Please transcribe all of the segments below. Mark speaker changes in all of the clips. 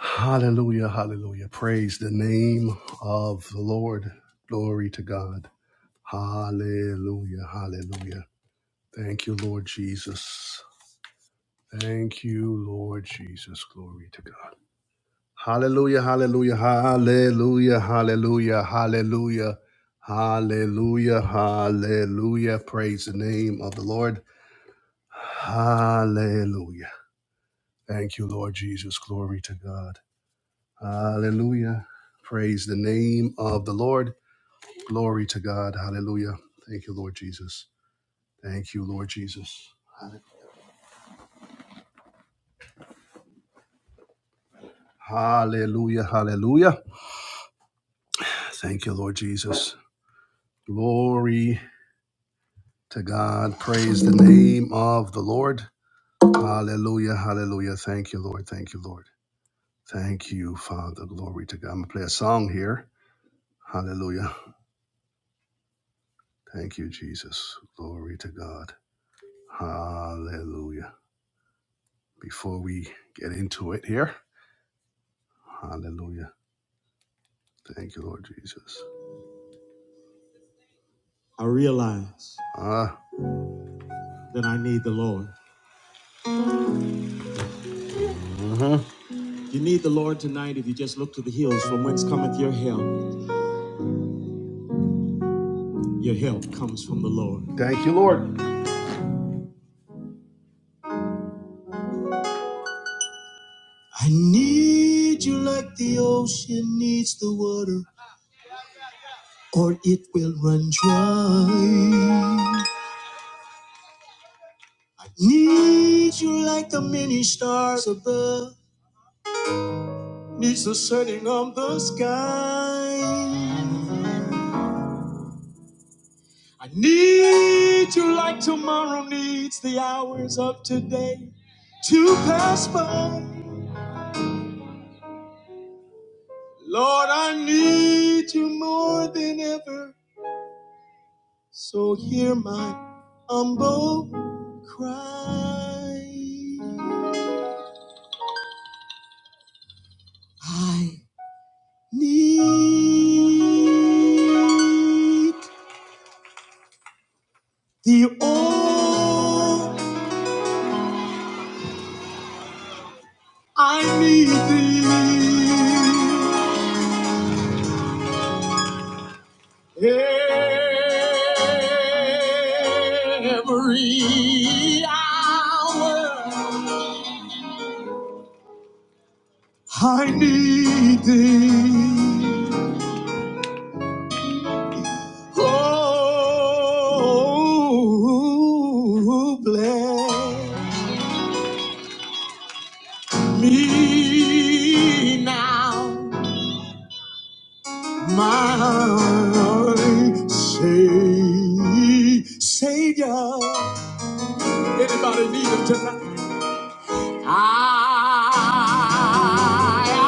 Speaker 1: Hallelujah, hallelujah. Praise the name of the Lord. Glory to God. Hallelujah, hallelujah. Thank you, Lord Jesus. Thank you, Lord Jesus. Glory to God. Hallelujah, hallelujah, hallelujah, hallelujah, hallelujah, hallelujah, hallelujah. Praise the name of the Lord. Hallelujah. Thank you, Lord Jesus. Glory to God. Hallelujah. Praise the name of the Lord. Glory to God. Hallelujah. Thank you, Lord Jesus. Thank you, Lord Jesus. Hallelujah. Hallelujah. Thank you, Lord Jesus. Glory to God. Praise the name of the Lord. Hallelujah. Hallelujah. Thank you, Lord. Thank you, Lord. Thank you, Father. Glory to God. I'm going to play a song here. Hallelujah. Thank you, Jesus. Glory to God. Hallelujah. Before we get into it here, Hallelujah. Thank you, Lord Jesus. I realize Ah, that I need the Lord. You need the Lord tonight if you just look to the hills from whence cometh your help. Your help comes from the Lord. thank you, Lord. I need you like the ocean needs the water, or it will run dry. I need you like the many stars above needs the setting on the sky. I need you like tomorrow needs the hours of today to pass by. Lord, I need you more than ever, so hear my humble cry. I need thee, oh, I need thee. Every hour I need thee. Oh, bless me now, my Savior. Anybody need him tonight? I,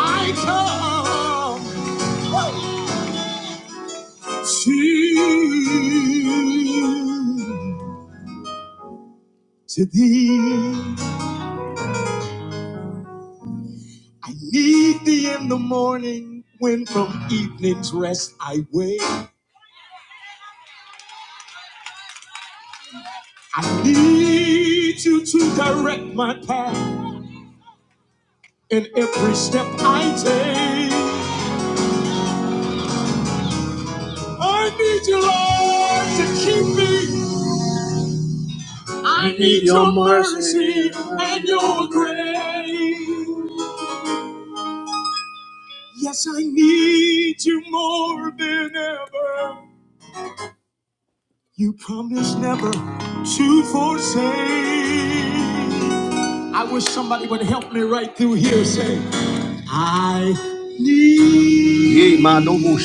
Speaker 1: I come to, to thee. I need thee in the morning when from evening's rest I wake. I need you to direct my path in every step I take. I need you, Lord, to keep me. I need your mercy and your grace. Yes, I need you more than ever. You promised never to forsake. I wish somebody would help me right through here. Say, I need. Yee, ma, no, mo,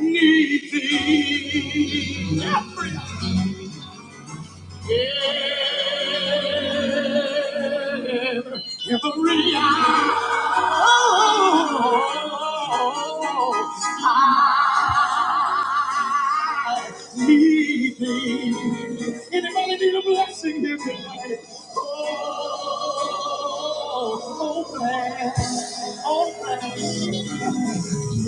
Speaker 1: Need thee every, every hour. Oh, leading. Anybody need a blessing here tonight? Oh, open, open.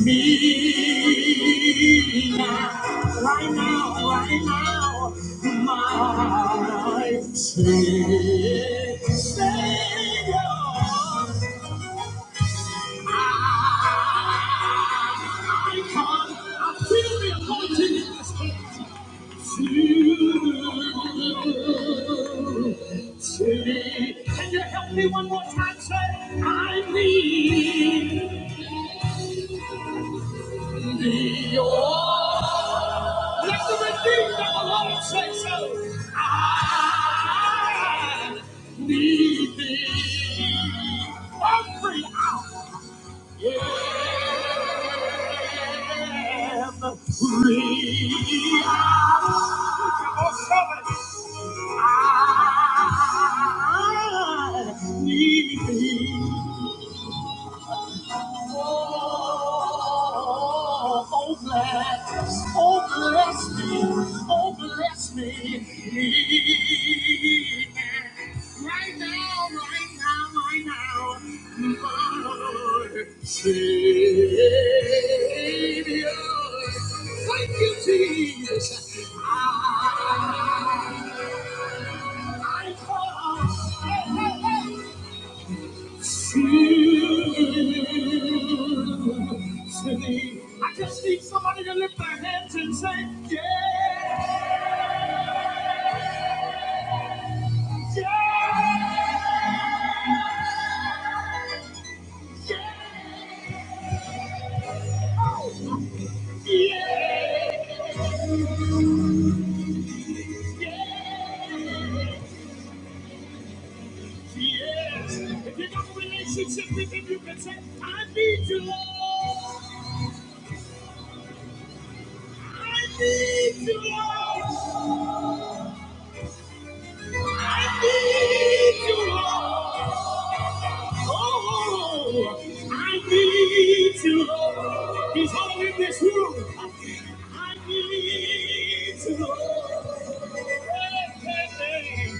Speaker 1: Me now, right now, right now, my Savior. I come, I feel the anointing in this place. Can you help me one more time? Say, I need thee. Oh, let the redeemed of the Lord say so. I need thee. I'm free. I I need thee. Oh, oh, bless, oh, bless me, oh, bless me. Right now, right now, right now, my Savior. Thank you, Jesus. I, I call, hey, hey, hey. I just need somebody to lift their hands and say, yeah, yeah, yeah, oh, yeah, yeah, yes. If you got a relationship with him, you can say, I need you, Lord. I need you, Lord. I need you, Lord. Oh, I need you, Lord. He's all in this room. I need you, Lord. Hey, hey, hey.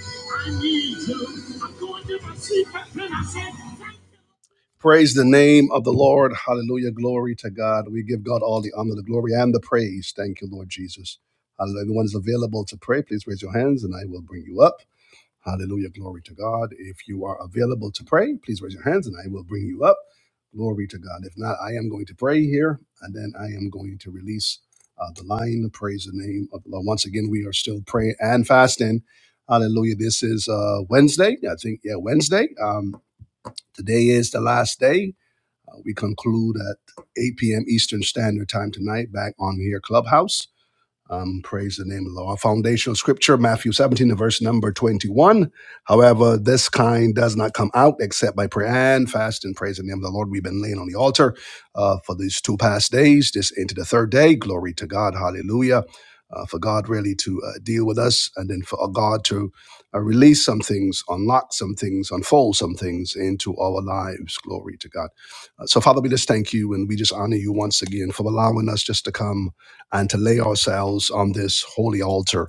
Speaker 1: I need you. I'm going to my secret and I said, thank you. Praise the name of the Lord. Hallelujah. Glory to God. We give God all the honor, the glory, and the praise. Thank you, Lord Jesus. Hallelujah. Everyone's available to pray. Please raise your hands and I will bring you up. Hallelujah. Glory to God. If you are available to pray, please raise your hands and I will bring you up. Glory to God. If not, I am going to pray here and then I am going to release uh, the line. Praise the name of the Lord. Once again, we are still praying and fasting. Hallelujah. This is uh, Wednesday. I think, yeah, Wednesday. Um, today is the last day. Uh, we conclude at 8 p.m. Eastern Standard Time tonight back on here, Clubhouse. Um, praise the name of the Lord. Our foundational scripture, Matthew 17, and verse number 21. However, this kind does not come out except by prayer and fast and praise the name of the Lord. We've been laying on the altar uh, for these two past days, this into the third day. Glory to God. Hallelujah. Uh, for God really to uh, deal with us and then for God to uh, release some things, unlock some things, unfold some things into our lives. Glory to God. Uh, so, Father, we just thank you and we just honor you once again for allowing us just to come and to lay ourselves on this holy altar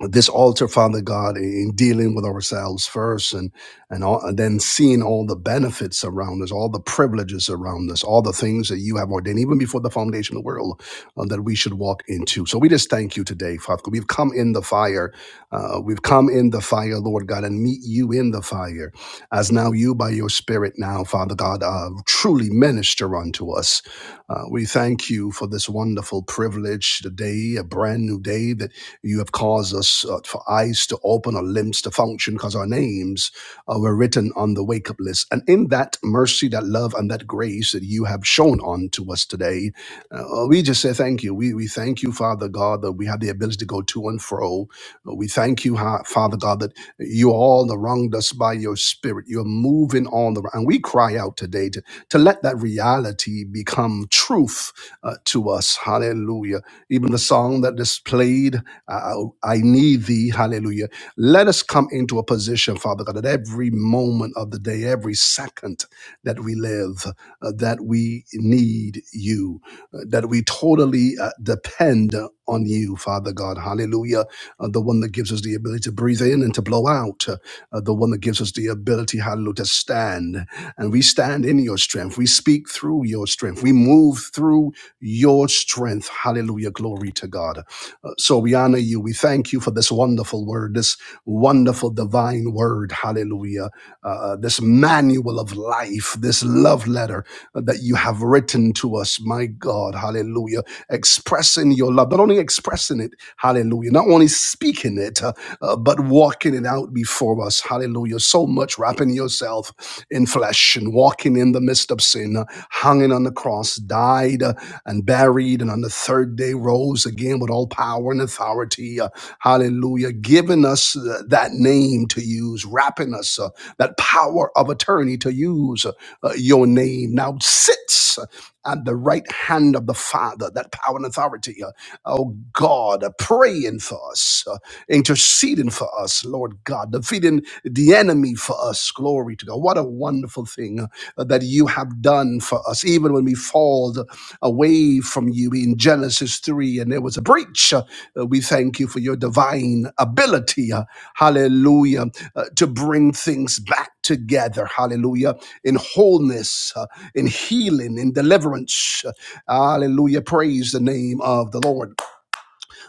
Speaker 1: this altar, Father God, in dealing with ourselves first, and and, all, and then seeing all the benefits around us, all the privileges around us, all the things that you have ordained, even before the foundation of the world, uh, that we should walk into. So we just thank you today, Father. God. We've come in the fire, uh, we've come in the fire, Lord God, and meet you in the fire, as now you by your Spirit now, Father God, uh, truly minister unto us. Uh, we thank you for this wonderful privilege today, a brand new day that you have caused us uh, for eyes to open or limbs to function because our names uh, were written on the wake up list. And in that mercy, that love, and that grace that you have shown on to us today, uh, we just say thank you. We, we thank you, Father God, that we have the ability to go to and fro. Uh, We thank you, Ha- Father God, that you all wronged us by your spirit. You're moving on the And we cry out today to, to let that reality become truth uh, to us. Hallelujah. Even the song that is played I, I need thee. Hallelujah. Let us come into a position, Father God, at every moment of the day, every second that we live, uh, that we need you, uh, that we totally uh, depend on you, Father God. Hallelujah. Uh, the one that gives us the ability to breathe in and to blow out, uh, uh, the one that gives us the ability, hallelujah, to stand. And we stand in your strength. We speak through your strength. We move through your strength. Hallelujah. Glory to God. So we honor you. We thank you for this wonderful word, this wonderful divine word. Hallelujah. Uh, this manual of life, this love letter that you have written to us, my God. Hallelujah. Expressing your love, not only expressing it, hallelujah, not only speaking it, uh, uh, but walking it out before us. Hallelujah. So much wrapping yourself in flesh and walking in the midst of sin, uh, hanging on the cross, died uh, and buried, and on the third day rose again with all power and authority. uh, hallelujah. Giving us uh, that name to use, wrapping us uh, that power of attorney to use uh, uh, your name. Now sits uh, at the right hand of the Father, that power and authority. uh, oh God, uh, praying for us. uh, interceding for us, Lord God, defeating the enemy for us. Glory to God. What a wonderful thing uh, that you have done for us, even when we fall away from you in Genesis 3 and there was a breach. uh, uh, we thank you for your divine ability, uh, hallelujah, uh, to bring things back together, hallelujah, in wholeness, uh, in healing, in deliverance. uh, Hallelujah. Praise the name of the Lord.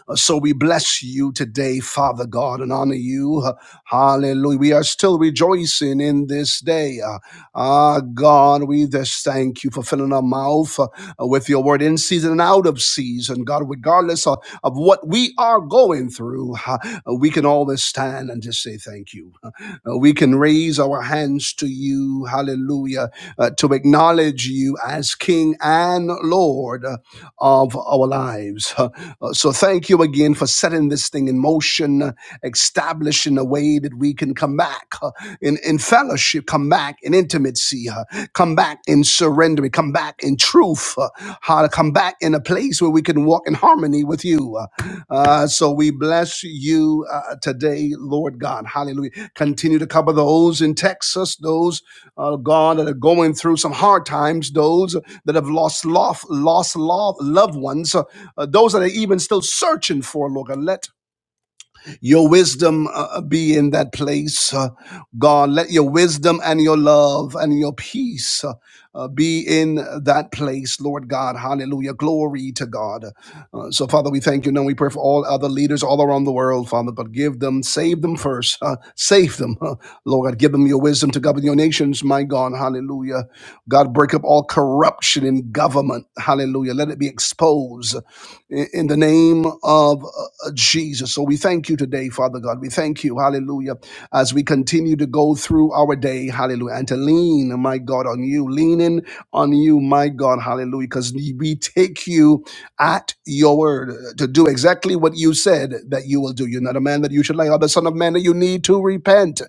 Speaker 1: Uh, So we bless you today, Father God, and honor you. Uh, Hallelujah. We are still rejoicing in this day. Uh, Ah, God, we just thank you for filling our mouth uh, with your word in season and out of season. God, regardless of, of what we are going through, uh, we can always stand and just say thank you. Uh, we can can raise our hands to you, hallelujah, uh, to acknowledge you as King and Lord uh, of our lives. Uh, uh, so thank you again for setting this thing in motion, uh, establishing a way that we can come back uh, in, in fellowship, come back in intimacy, uh, come back in surrender, come back in truth truth, uh, how to come back in a place where we can walk in harmony with you. Uh, uh, so we bless you uh, today, Lord God. Hallelujah. Continue to cover those in Texas, those, uh, God, that are going through some hard times, those that have lost, lost, lost love, loved ones, uh, uh, those that are even still searching for, Lord God. Let your wisdom uh, uh, be in that place, uh, God. Let your wisdom and your love and your peace uh, uh, be in that place, Lord God. Hallelujah. Glory to God. Uh, so, Father, we thank you. Now we pray for all other leaders all around the world, Father, but give them, save them first, uh, save them, uh, Lord God. Give them your wisdom to govern your nations, my God. Hallelujah. God, break up all corruption in government. Hallelujah. Let it be exposed i- in the name of uh, uh, Jesus. So we thank you today, Father God. We thank you, hallelujah, as we continue to go through our day, hallelujah, and to lean, my God, on you, leaning on you, my God, hallelujah, because we take you at your word uh, to do exactly what you said that you will do. You're not a man that you should lie, or the son of man that you need to repent.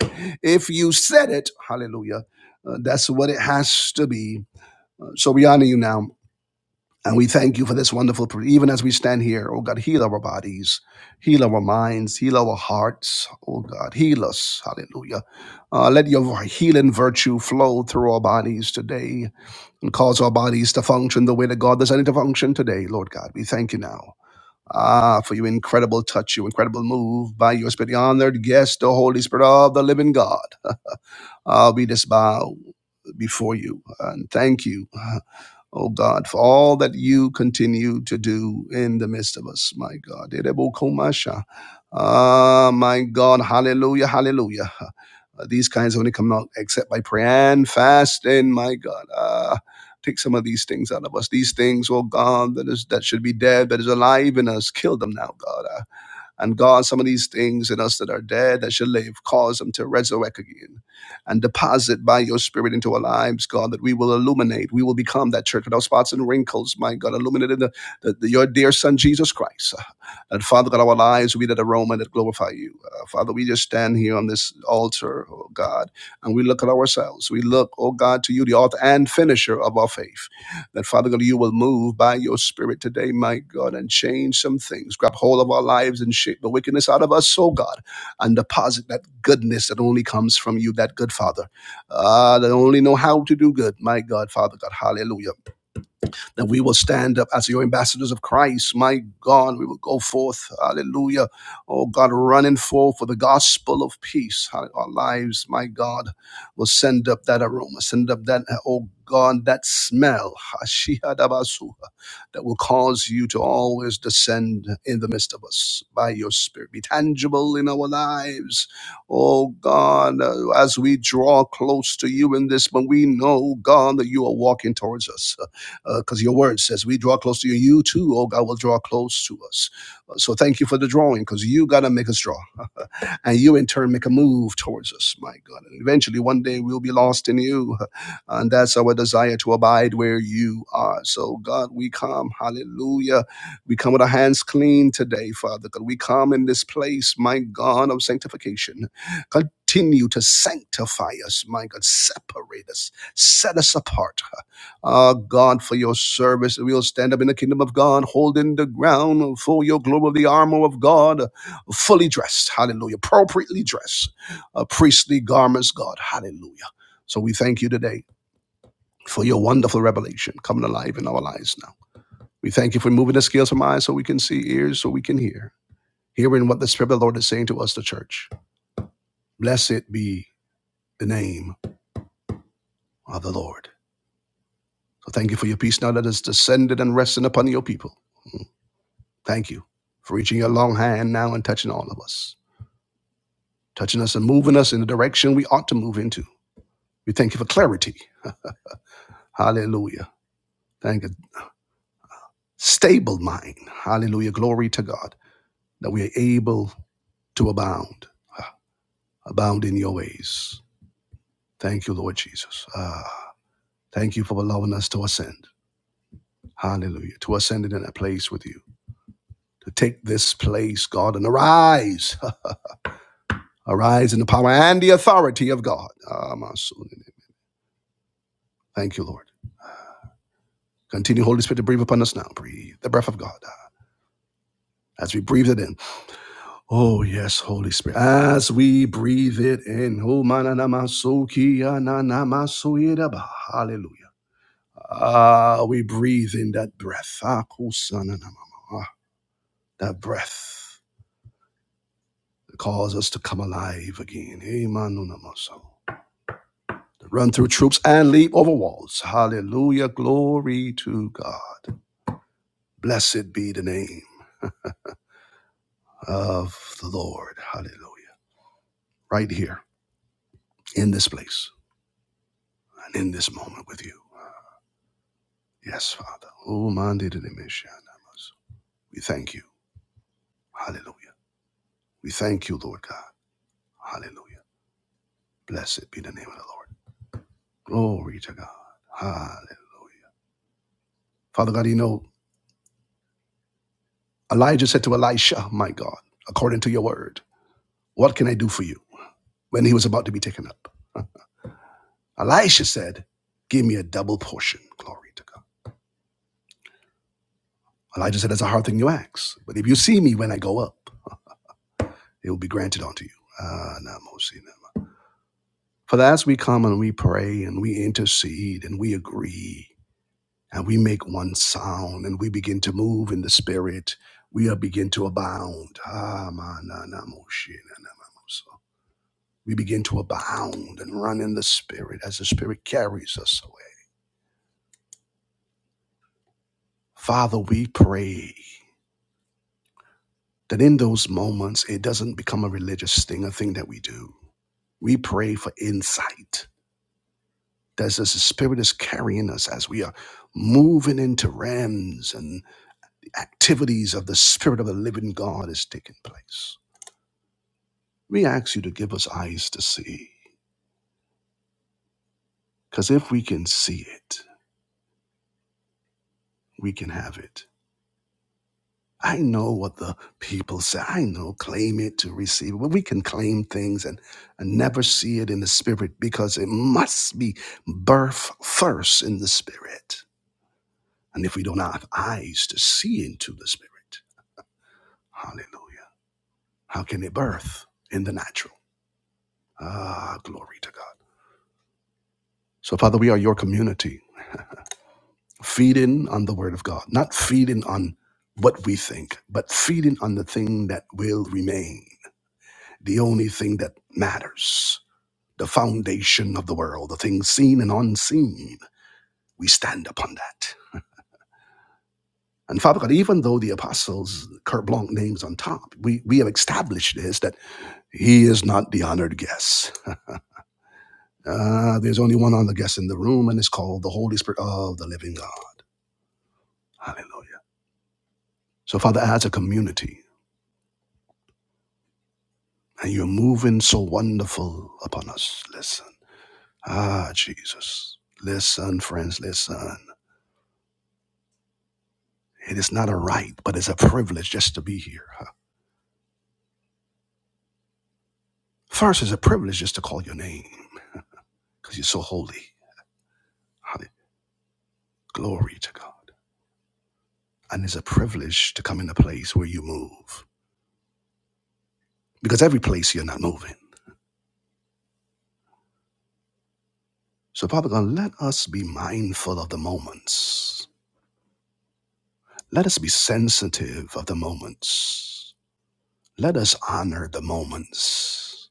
Speaker 1: If you said it, hallelujah, uh, that's what it has to be. Uh, So we honor you now and we thank you for this wonderful, pr- even as we stand here, oh God, heal our bodies, heal our minds, heal our hearts, oh God, heal us. Hallelujah. Uh, let your healing virtue flow through our bodies today and cause our bodies to function the way that God designed it to function today, Lord God. We thank you now. Ah, for your incredible touch, your incredible move by your spirit, the honored guest, the Holy Spirit of the living God. Ah, we just bow before you and thank you oh God, for all that you continue to do in the midst of us, my God. Ah, my God, hallelujah, hallelujah. Uh, these kinds only come out except by prayer and fasting, my God. Ah, take some of these things out of us. These things, oh God, that is that should be dead, that is alive in us. Kill them now, God. Ah, and God, some of these things in us that are dead, that should live, cause them to resurrect again and deposit by your spirit into our lives, God, that we will illuminate. We will become that church without spots and wrinkles, my God, illuminated in the, the, your dear son, Jesus Christ. And Father God, our lives will be that aroma that glorify you. Uh, Father, we just stand here on this altar, oh God, and we look at ourselves. We look, oh God, to you, the author and finisher of our faith. That, Father God, you will move by your Spirit today, my God, and change some things. Grab hold of our lives and shake the wickedness out of us, oh God, and deposit that goodness that only comes from you, that good Father, uh, that only know how to do good, my God, Father God. Hallelujah that we will stand up as your ambassadors of Christ. My God, we will go forth, hallelujah. Oh God, running forth for the gospel of peace. Our lives, my God, will send up that aroma, send up that, oh God, that smell, Hashihadabasuha, that will cause you to always descend in the midst of us by your spirit. Be tangible in our lives. Oh God, uh, as we draw close to you in this, but we know, God, that you are walking towards us because uh, your word says we draw close to you. You too, oh God, will draw close to us. Uh, So thank you for the drawing because you got to make us draw. and you in turn make a move towards us, my God. And eventually one day we'll be lost in you. And that's our desire to abide where you are. So, God, we come, hallelujah. We come with our hands clean today, Father. God, we come in this place, my God, of sanctification. Continue to sanctify us, my God. Separate us, set us apart uh, God, for your service. We will stand up in the kingdom of God, holding the ground for your glory, the armor of God, fully dressed. Hallelujah. Appropriately dressed. Uh, priestly garments, God. Hallelujah. So we thank you today for your wonderful revelation coming alive in our lives now. We thank you for moving the scales from eyes so we can see, ears so we can hear, hearing what the Spirit of the Lord is saying to us, the church. Blessed be the name of the Lord. So thank you for your peace now that is descended and resting upon your people. Thank you for reaching your long hand now and touching all of us, touching us and moving us in the direction we ought to move into. We thank you for clarity. Hallelujah. Thank you. Stable mind. Hallelujah. Glory to God that we are able to abound, ah, abound in your ways. Thank you, Lord Jesus. Ah, thank you for allowing us to ascend. Hallelujah. To ascend in that place with you. To take this place, God, and arise. Arise in the power and the authority of God. Ah, my soul. in it. Thank you, Lord. Continue, Holy Spirit, to breathe upon us now. Breathe the breath of God uh, as we breathe it in. Oh, yes, Holy Spirit. As we breathe it in. Oh, mananamasukiyananamasuyedaba. Hallelujah. Ah, we breathe in that breath. Ah, kusananamama. Ah, That breath that calls us to come alive again. Emanunamaso. To Run through troops and leap over walls. Hallelujah. Glory to God. Blessed be the name of the Lord. Hallelujah. Right here in this place and in this moment with you. Yes, Father. Oh, Mandi de Dimishanamas. We thank you. Hallelujah. We thank you, Lord God. Hallelujah. Blessed be the name of the Lord. Glory to God. Hallelujah. Father God, you know, Elijah said to Elisha, My God, according to your word, what can I do for you when he was about to be taken up? Elisha said, Give me a double portion. Glory to God. Elijah said, That's a hard thing you ask. But if you see me when I go up, it will be granted unto you. Ah, Namosina. For as we come and we pray and we intercede and we agree and we make one sound and we begin to move in the spirit, we are begin to abound. Ah, ma, na, na, mo, shi, na, na, ma, mo, so. We begin to abound and run in the spirit as the spirit carries us away. Father, we pray that in those moments it doesn't become a religious thing, a thing that we do. We pray for insight. That as the spirit is carrying us as we are moving into realms and. activities of the Spirit of the living God is taking place. We ask you to give us eyes to see, because if we can see it, we can have it. I know what the people say. I know claim it to receive it. But we can claim things and, and never see it in the spirit because it must be birth first in the spirit. And if we don't have eyes to see into the spirit, hallelujah, how can it birth in the natural? Ah, glory to God. So, Father, we are your community. feeding on the word of God, not feeding on what we think, but feeding on the thing that will remain, the only thing that matters, the foundation of the world, the things seen and unseen. We stand upon that. And Father God, even though the apostles' carte blanche names on top, we, we have established this that he is not the honored guest. Uh, there's only one honored guest in the room, and it's called the Holy Spirit of the living God. Hallelujah. So, Father, as a community, And you're moving so wonderful upon us. Listen. Ah, Jesus. Listen, friends, listen. It is not a right, but it's a privilege just to be here. huh? First, it's a privilege just to call your name because you're so holy. Hallelujah. Glory to God. And it's a privilege to come in a place where you move because every place you're not moving. So, Father God, let us be mindful of the moments. Let us be sensitive of the moments. Let us honor the moments.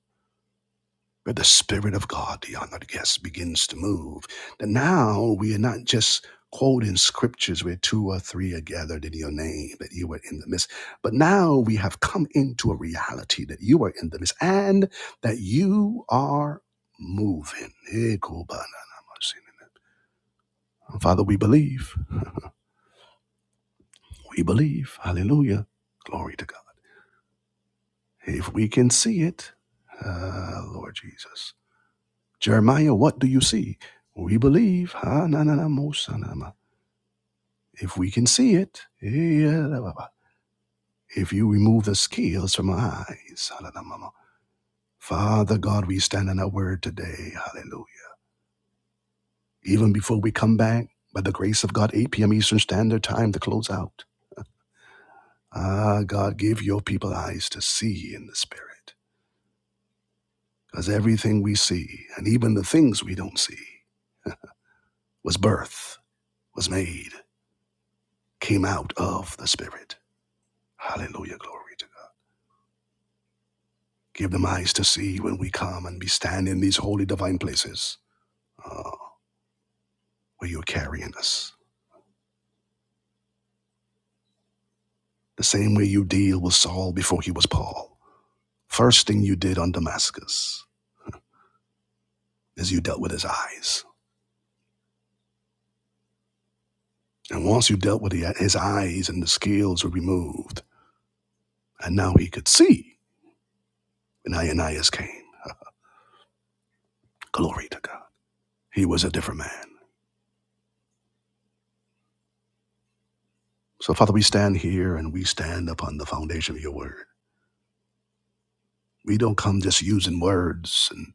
Speaker 1: where the Spirit of God, the honored guest, begins to move. And now we are not just quoting scriptures where two or three are gathered in your name, that you are in the midst. But now we have come into a reality that you are in the midst and that you are moving. Eh, Father, we believe. We believe. Hallelujah. Glory to God. If we can see it, ah, Lord Jesus. Jeremiah, what do you see? We believe. Ha, na, na, na, mo, sa, na, ma. If we can see it, eh, ya, la, ba, ba. if you remove the scales from our eyes, ha, la, la, ma, ma. Father God, we stand on our word today. Hallelujah. Even before we come back, by the grace of God, 8 p.m. Eastern Standard Time to close out. Ah, God, give your people eyes to see in the Spirit. Because everything we see, and even the things we don't see, was birth, was made, came out of the Spirit. Hallelujah, glory Give them eyes to see when we come and we stand in these holy divine places uh, where you're carrying us. The same way you deal with Saul before he was Paul. First thing you did on Damascus is you dealt with his eyes. And once you dealt with the, his eyes and the scales were removed, and now he could see when Ananias came. Glory to God. He was a different man. So, Father, we stand here and we stand upon the foundation of your word. We don't come just using words and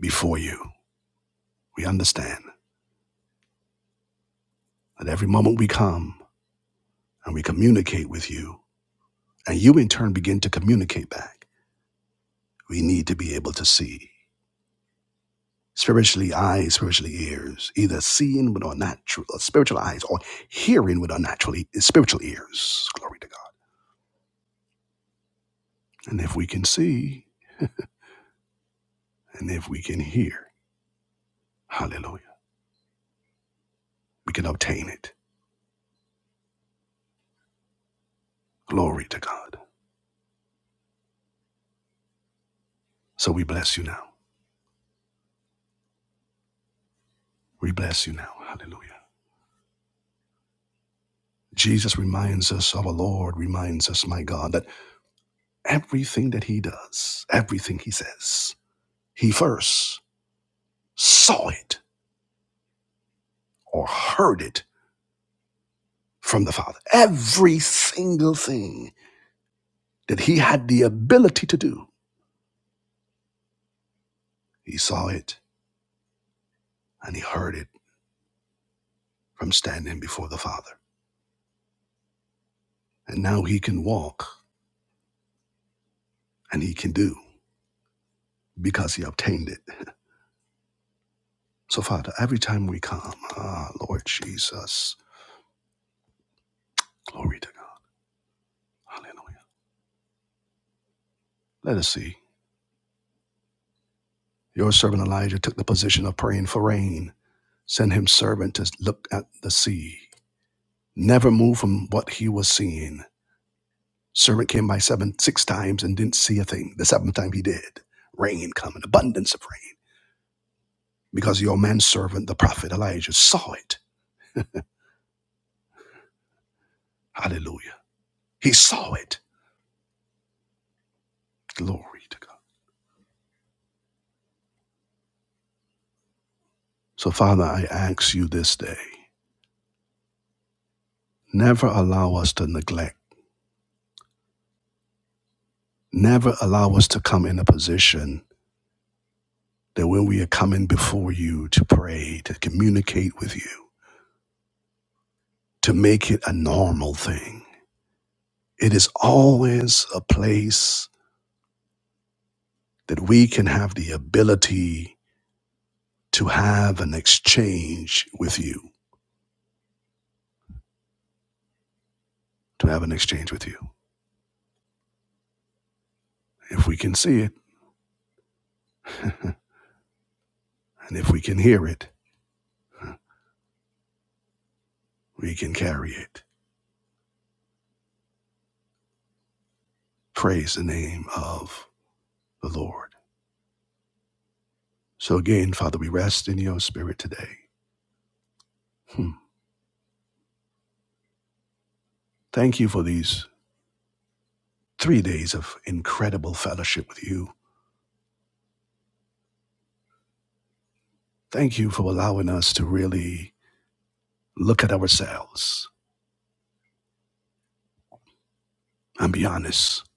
Speaker 1: before you. We understand. At every moment we come and we communicate with you, and you in turn begin to communicate back, we need to be able to see. Spiritually eyes, spiritually ears, either seeing with our natural uh, spiritual eyes or hearing with our natural e- spiritual ears. Glory to God. And if we can see and if we can hear, hallelujah, we can obtain it. Glory to God. So we bless you now. We bless you now. Hallelujah. Jesus reminds us, our Lord reminds us, my God, that Everything that he does, everything he says, he first saw it or heard it from the Father. Every single thing that he had the ability to do, he saw it and he heard it from standing before the Father. And now he can walk and he can do because he obtained it. So, Father, every time we come, ah, Lord Jesus, glory to God. Hallelujah. Let us see. Your servant Elijah took the position of praying for rain Send him servant to look at the sea. Never moved from what he was seeing. Servant came by seven, six times and didn't see a thing. The seventh time he did. Rain come, an abundance of rain. Because your manservant, the prophet Elijah, saw it. Hallelujah. He saw it. Glory to God. So, Father, I ask you this day never allow us to neglect, never allow us to come in a position that when we are coming before you to pray, to communicate with you, to make it a normal thing It is always a place that we can have the ability to have an exchange with you, to have an exchange with you. If we can see it and if we can hear it, we can carry it. Praise the name of the Lord. So again, Father, we rest in your spirit today. Hmm. Thank you for these three days of incredible fellowship with you. Thank you for allowing us to really look at ourselves and be honest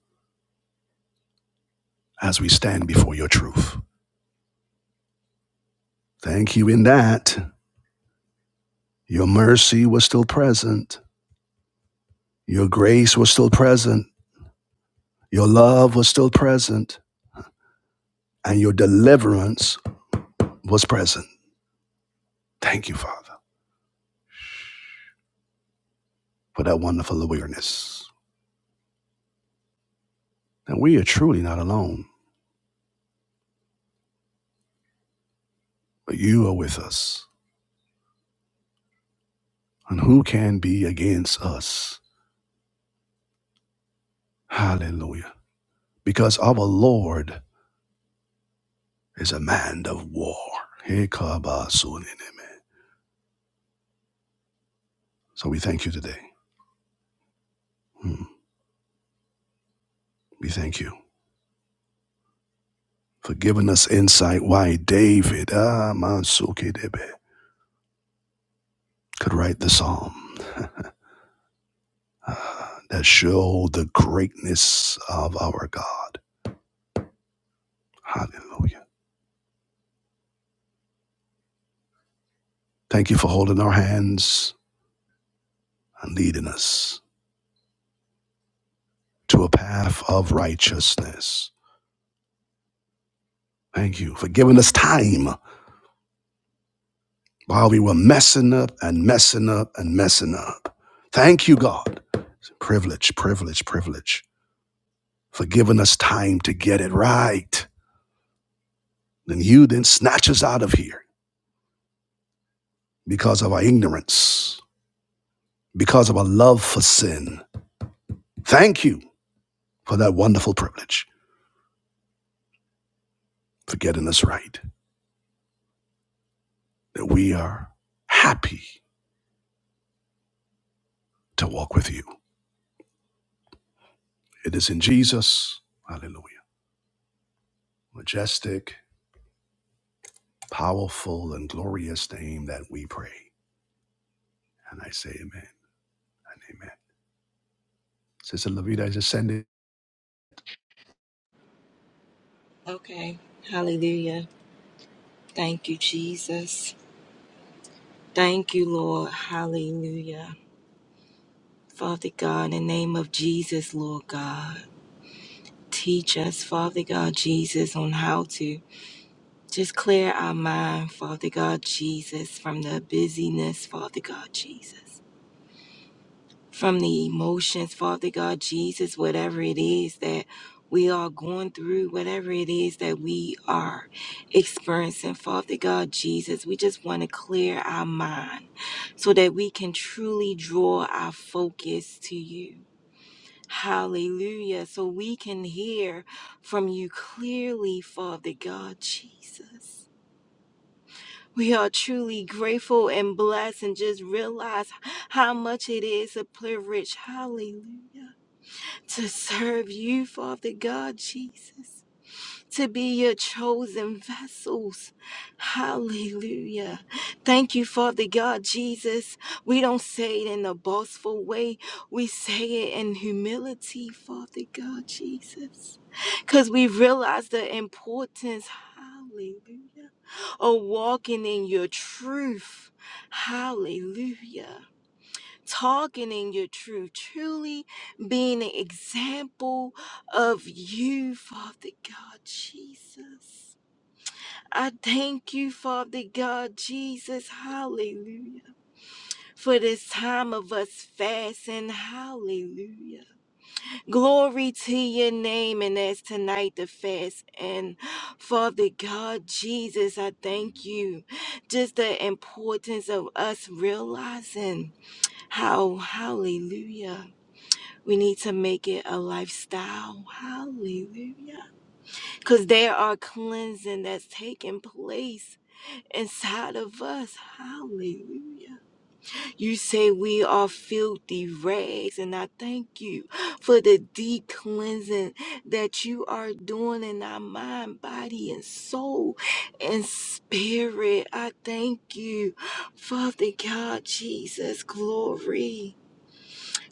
Speaker 1: as we stand before your truth. Thank you in that your mercy was still present, your grace was still present, your love was still present, and your deliverance was present. Thank you, Father, for that wonderful awareness. And we are truly not alone, but you are with us. And who can be against us? Hallelujah. Because our Lord is a man of war. Hekabasuninime. So we thank you today. Mm, We thank you. for giving us insight why David ah, Mansuki could write the psalm ah, that showed the greatness of our God. Hallelujah. Thank you for holding our hands and leading us to a path of righteousness. Thank you for giving us time while we were messing up and messing up and messing up. Thank you, God. It's a privilege, privilege, privilege for giving us time to get it right. Then you then snatch us out of here because of our ignorance, because of our love for sin. Thank you for that wonderful privilege for getting us right, that we are happy to walk with you. It is in Jesus, hallelujah, majestic, powerful, and glorious name that we pray. And I say amen and amen. Sister Levita, I just send it.
Speaker 2: Okay. Hallelujah. Thank you, Jesus. Thank you, Lord. Hallelujah. Father God, in the name of Jesus, Lord God, teach us, Father God, Jesus, on how to just clear our mind, Father God, Jesus, from the busyness, Father God, Jesus. from the emotions, Father God, Jesus, whatever it is that we are going through, whatever it is that we are experiencing, Father God, Jesus, we just want to clear our mind so that we can truly draw our focus to you. Hallelujah. So we can hear from you clearly, Father God, Jesus. We are truly grateful and blessed and just realize how much it is a privilege. Hallelujah to serve you, Father God, Jesus, to be your chosen vessels. Hallelujah. Thank you, Father God, Jesus. We don't say it in a boastful way, we say it in humility, Father God, Jesus, because we realize the importance. Hallelujah. Of walking in your truth. Hallelujah talking in your truth, truly being an example of you, Father God Jesus. I thank you, Father God Jesus, hallelujah, for this time of us fasting, hallelujah. Glory to your name, and as tonight the fast, and Father God Jesus, I thank you. Just the importance of us realizing how, hallelujah we need to make it a lifestyle. Hallelujah. Because there are cleansing that's taking place inside of us. Hallelujah. You say we are filthy rags, and I thank you for the deep cleansing that you are doing in our mind, body, and soul and spirit. I thank you, Father God, Jesus, glory.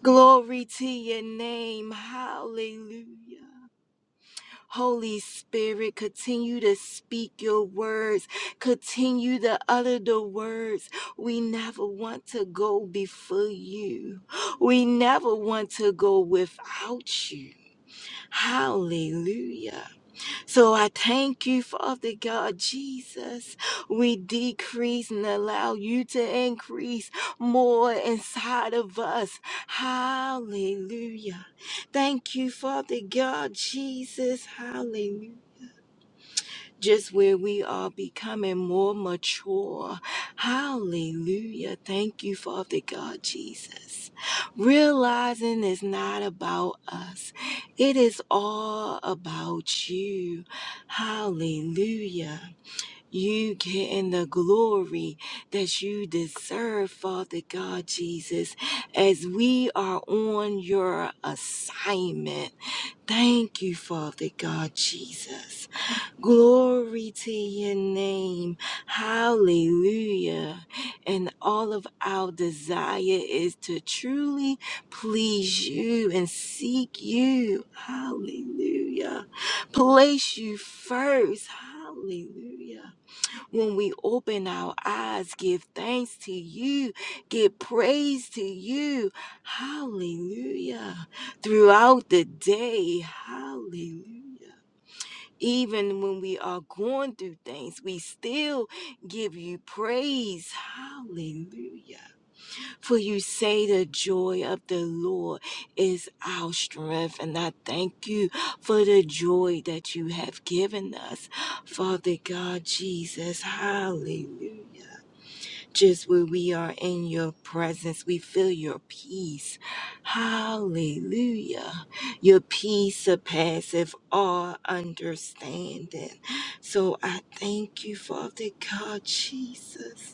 Speaker 2: Glory to your name. Hallelujah. Holy Spirit, continue to speak your words. Continue to utter the words. We never want to go before you. We never want to go without you. Hallelujah. So I thank you, Father God Jesus. We decrease and allow you to increase more inside of us. Hallelujah. Thank you, Father God Jesus. Hallelujah just where we are becoming more mature. Hallelujah. Thank you, Father God Jesus. Realizing it's not about us, it is all about you. Hallelujah. You getting the glory that you deserve, Father God Jesus, as we are on your assignment. Thank you, Father God Jesus. Glory to your name. Hallelujah. And all of our desire is to truly please you and seek you. Hallelujah. Place you first. Hallelujah. When we open our eyes, give thanks to you, give praise to you. Hallelujah. Throughout the day. Hallelujah even when we are going through things, we still give you praise. Hallelujah. For you say the joy of the Lord is our strength. And I thank you for the joy that you have given us, Father God Jesus. Hallelujah. Just when we are in your presence, we feel your peace. Hallelujah. Your peace surpasses all understanding. So I thank you, Father God, Jesus.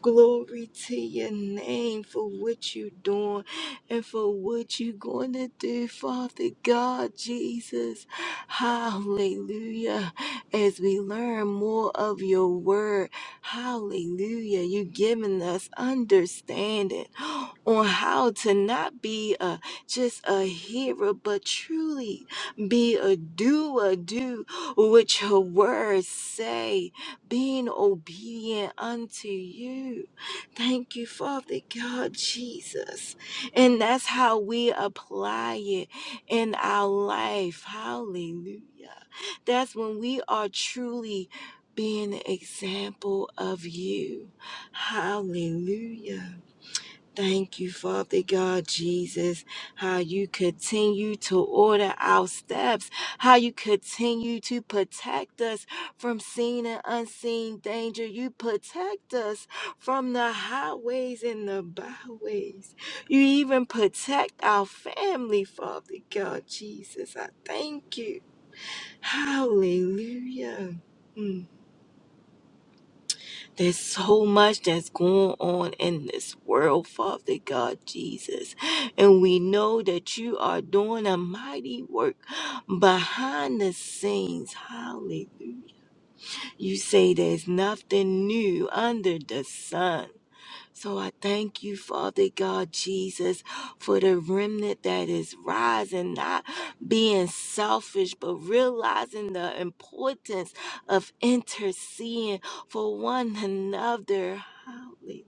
Speaker 2: Glory to your name for what you're doing and for what you're going to do, Father God, Jesus. Hallelujah. As we learn more of your word, hallelujah, you're giving us understanding on how to not be a, just a hearer, but truly be a doer, do what your words say being obedient unto you. Thank you, Father God, Jesus. And that's how we apply it in our life. Hallelujah. That's when we are truly being an example of you. Hallelujah. Thank you, Father God Jesus, how you continue to order our steps, how you continue to protect us from seen and unseen danger. You protect us from the highways and the byways. You even protect our family, Father God Jesus. I thank you. Hallelujah. Mm. There's so much that's going on in this world, Father God Jesus. And we know that you are doing a mighty work behind the scenes. Hallelujah. You say there's nothing new under the sun. So I thank you, Father God Jesus, for the remnant that is rising, not being selfish, but realizing the importance of interceding for one another. Hallelujah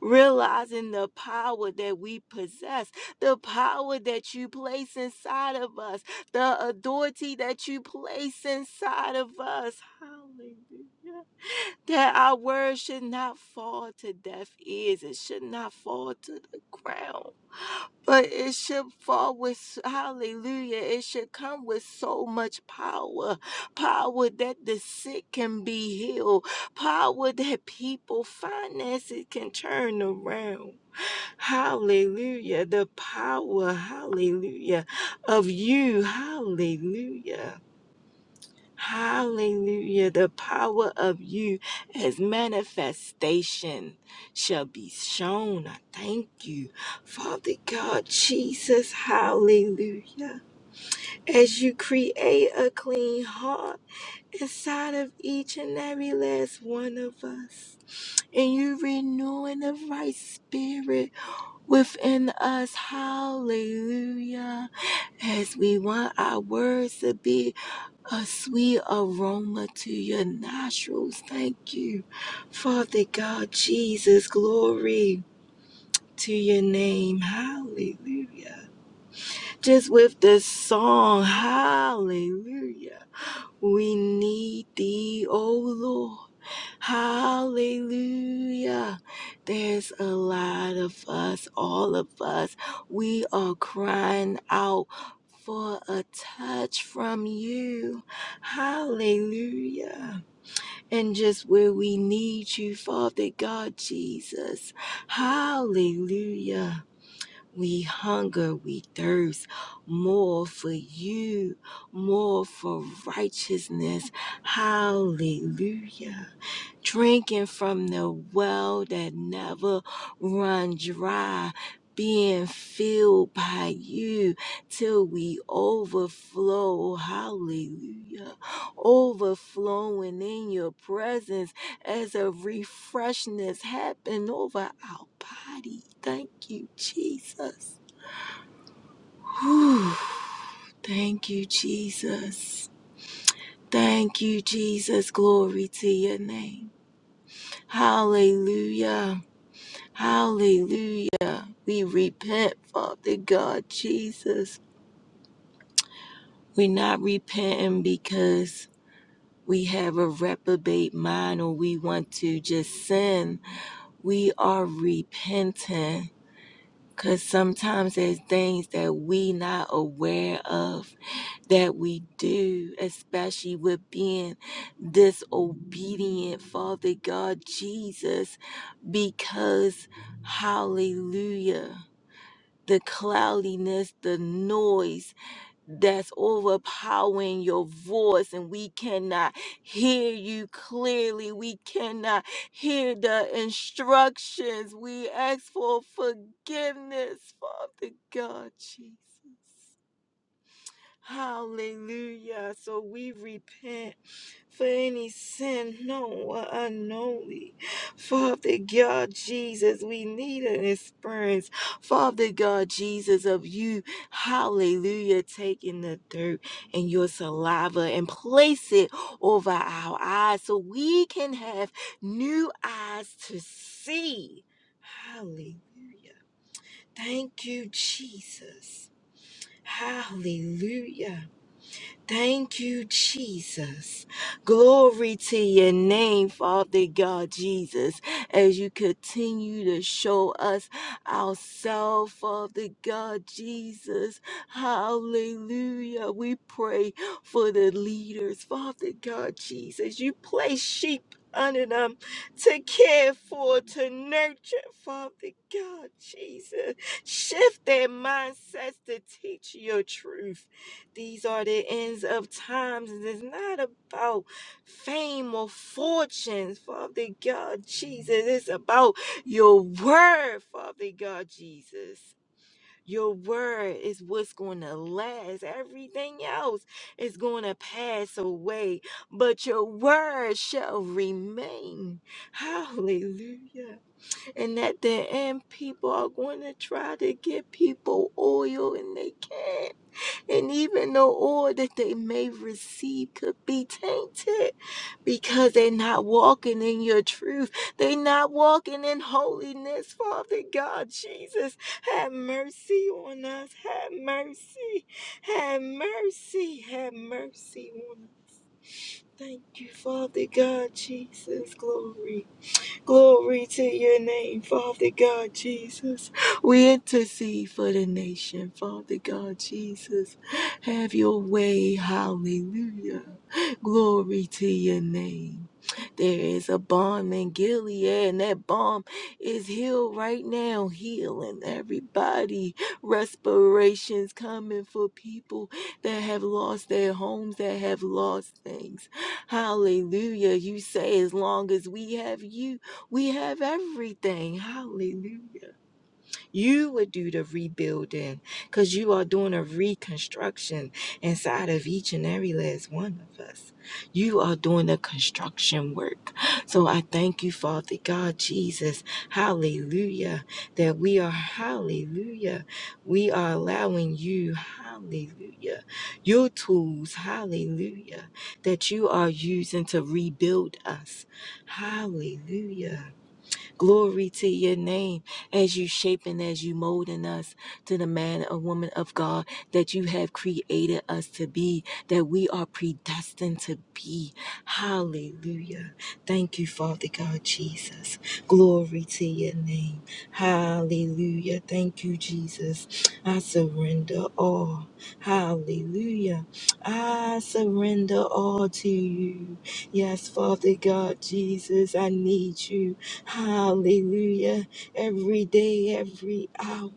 Speaker 2: realizing the power that we possess, the power that you place inside of us, the authority that you place inside of us. Hallelujah that our word should not fall to deaf ears. It should not fall to the ground. But it should fall with, hallelujah, it should come with so much power. Power that the sick can be healed. Power that people, finances can turn around. Hallelujah. The power, hallelujah, of you. Hallelujah. Hallelujah. The power of you as manifestation shall be shown. I thank you, Father God, Jesus. Hallelujah. As you create a clean heart inside of each and every last one of us. And you renewing the right spirit within us. Hallelujah. As we want our words to be a sweet aroma to your nostrils. Thank you, Father God, Jesus. Glory to your name. Hallelujah. Just with the song, Hallelujah. We need thee, O Lord. Hallelujah. There's a lot of us, all of us. We are crying out for a touch from you. Hallelujah. And just where we need you, Father God Jesus. Hallelujah. We hunger, we thirst more for you, more for righteousness. Hallelujah. Drinking from the well that never run dry, being filled by you till we overflow. Hallelujah. Overflowing in your presence as a refreshness happen over our body. Thank you, Jesus. Whew. Thank you, Jesus. Thank you, Jesus. Glory to your name. Hallelujah. Hallelujah. We repent, Father God, Jesus. We're not repenting because we have a reprobate mind or we want to just sin. We are repenting because sometimes there's things that we not aware of that we do, especially with being disobedient, Father God Jesus, because hallelujah, the cloudiness, the noise that's overpowering your voice, and we cannot hear you clearly, we cannot hear the instructions. We ask for forgiveness, Father God Jesus. Hallelujah. So we repent for any sin known or unknowingly. Father God Jesus, we need an experience. Father God Jesus, of you, hallelujah, taking the dirt and your saliva and place it over our eyes so we can have new eyes to see. Hallelujah. Thank you, Jesus. Hallelujah. Thank you, Jesus. Glory to your name, Father God Jesus, as you continue to show us ourselves, Father God Jesus. Hallelujah. We pray for the leaders, Father God Jesus. You place sheep under them to care for, to nurture, Father God Jesus. Shift their mindsets to teach your truth. These are the ends of times. and It's not about fame or fortunes, Father God Jesus. It's about your word, Father God Jesus. Your word is what's going to last. Everything else is going to pass away, but your word shall remain. Hallelujah. And at the end, people are going to try to get people oil and they can't and even the oil that they may receive could be tainted because they're not walking in your truth. They're not walking in holiness. Father God, Jesus, have mercy on us. Have mercy. Have mercy. Have mercy on us. Thank you, Father God, Jesus. Glory. Glory to your name, Father God Jesus. We intercede for the nation, Father God Jesus. Have your way. Hallelujah. Glory to your name. There is a bomb in Gilead, and that bomb is healed right now, healing everybody. Respirations coming for people that have lost their homes, that have lost things. Hallelujah. You say, as long as we have you. We have everything. Hallelujah. You would do the rebuilding because you are doing a reconstruction inside of each and every last one of us. You are doing the construction work. So I thank you, Father God, Jesus. Hallelujah. That we are, hallelujah. We are allowing you, hallelujah, your tools, hallelujah, that you are using to rebuild us. Hallelujah. Glory to your name as you shaping, as you molding us to the man or woman of God that you have created us to be, that we are predestined to be. Hallelujah. Thank you, Father God Jesus. Glory to your name. Hallelujah. Thank you, Jesus. I surrender all. Hallelujah. I surrender all to you. Yes, Father God Jesus, I need you. Hallelujah. Every day, every hour,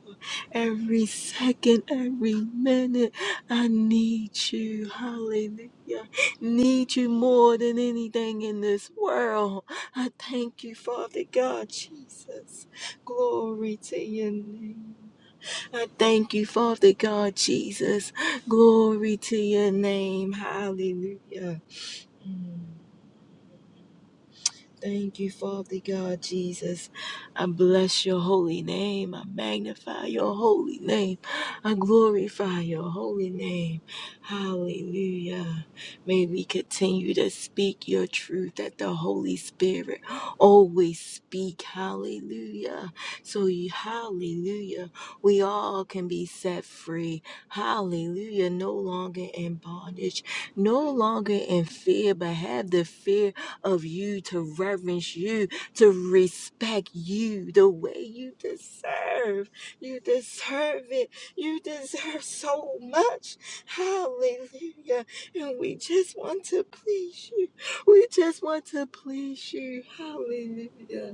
Speaker 2: every second, every minute, I need you. Hallelujah. Need you more than anything in this world. I thank you, Father God, Jesus. Glory to your name. I thank you, Father God, Jesus. Glory to your name. Hallelujah. Mm. Thank you, Father God Jesus. I bless your holy name. I magnify your holy name. I glorify your holy name. Hallelujah. May we continue to speak your truth that the Holy Spirit always speak. Hallelujah. So you hallelujah. We all can be set free. Hallelujah. No longer in bondage, no longer in fear, but have the fear of you, to reverence you, to respect you the way you deserve. You deserve it. You deserve so much. Hallelujah. And we just want to please you. We just want to please you. Hallelujah.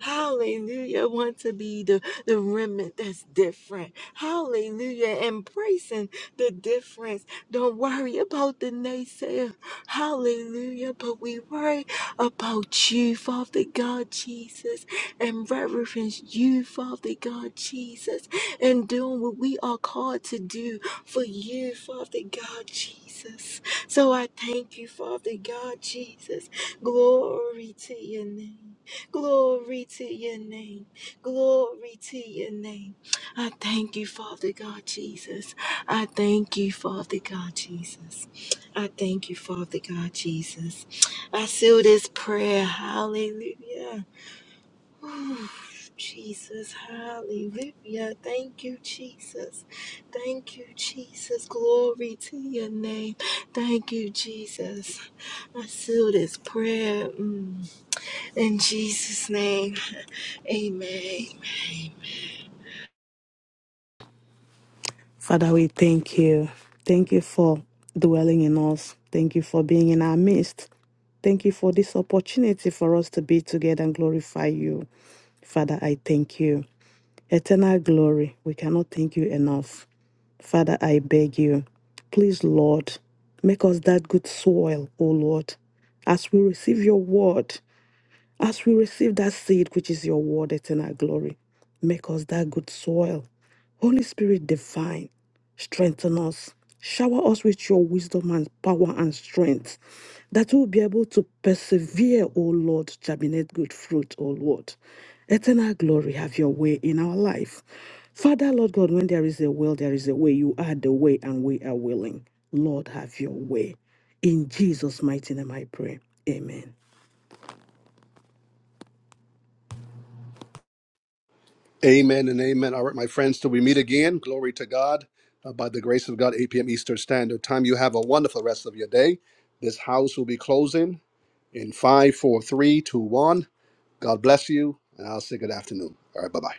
Speaker 2: Hallelujah. Want to be the, the remnant that's different. Hallelujah. Embracing the difference. Don't worry about the naysayer. Hallelujah. But we worry about you, Father God Jesus, and reverence you, Father God Jesus, and doing what we are called to do for you, Father God Jesus. So I thank you, Father God Jesus. Glory to your name. Glory to your name. Glory to your name. I thank you, Father God Jesus. I thank you, Father God Jesus. I thank you, Father God Jesus. I seal this prayer. Hallelujah. Ooh, Jesus, hallelujah. Thank you, Jesus. Thank you, Jesus. Glory to your name. Thank you, Jesus. I seal this prayer. Mm. In Jesus' name, amen.
Speaker 3: Father, we thank you. Thank you for dwelling in us. Thank you for being in our midst. Thank you for this opportunity for us to be together and glorify you. Father, I thank you. Eternal glory, we cannot thank you enough. Father, I beg you, please, Lord, make us that good soil, O Lord, as we receive your word. As we receive that seed, which is your word, it's in our glory. Make us that good soil. Holy Spirit divine, strengthen us. Shower us with your wisdom and power and strength that we'll be able to persevere, O Lord, germinate good fruit, O Lord. Eternal glory, have your way in our life. Father, Lord God, when there is a will, there is a way. You are the way, and we are willing. Lord, have your way. In Jesus' mighty name I pray. Amen.
Speaker 1: Amen and amen. All right, my friends, till we meet again, glory to God. Uh, by the grace of God, 8 p.m. Eastern Standard Time, you have a wonderful rest of your day. This house will be closing. in five, four, three, two, one. God bless you, and I'll say good afternoon. All right, bye bye.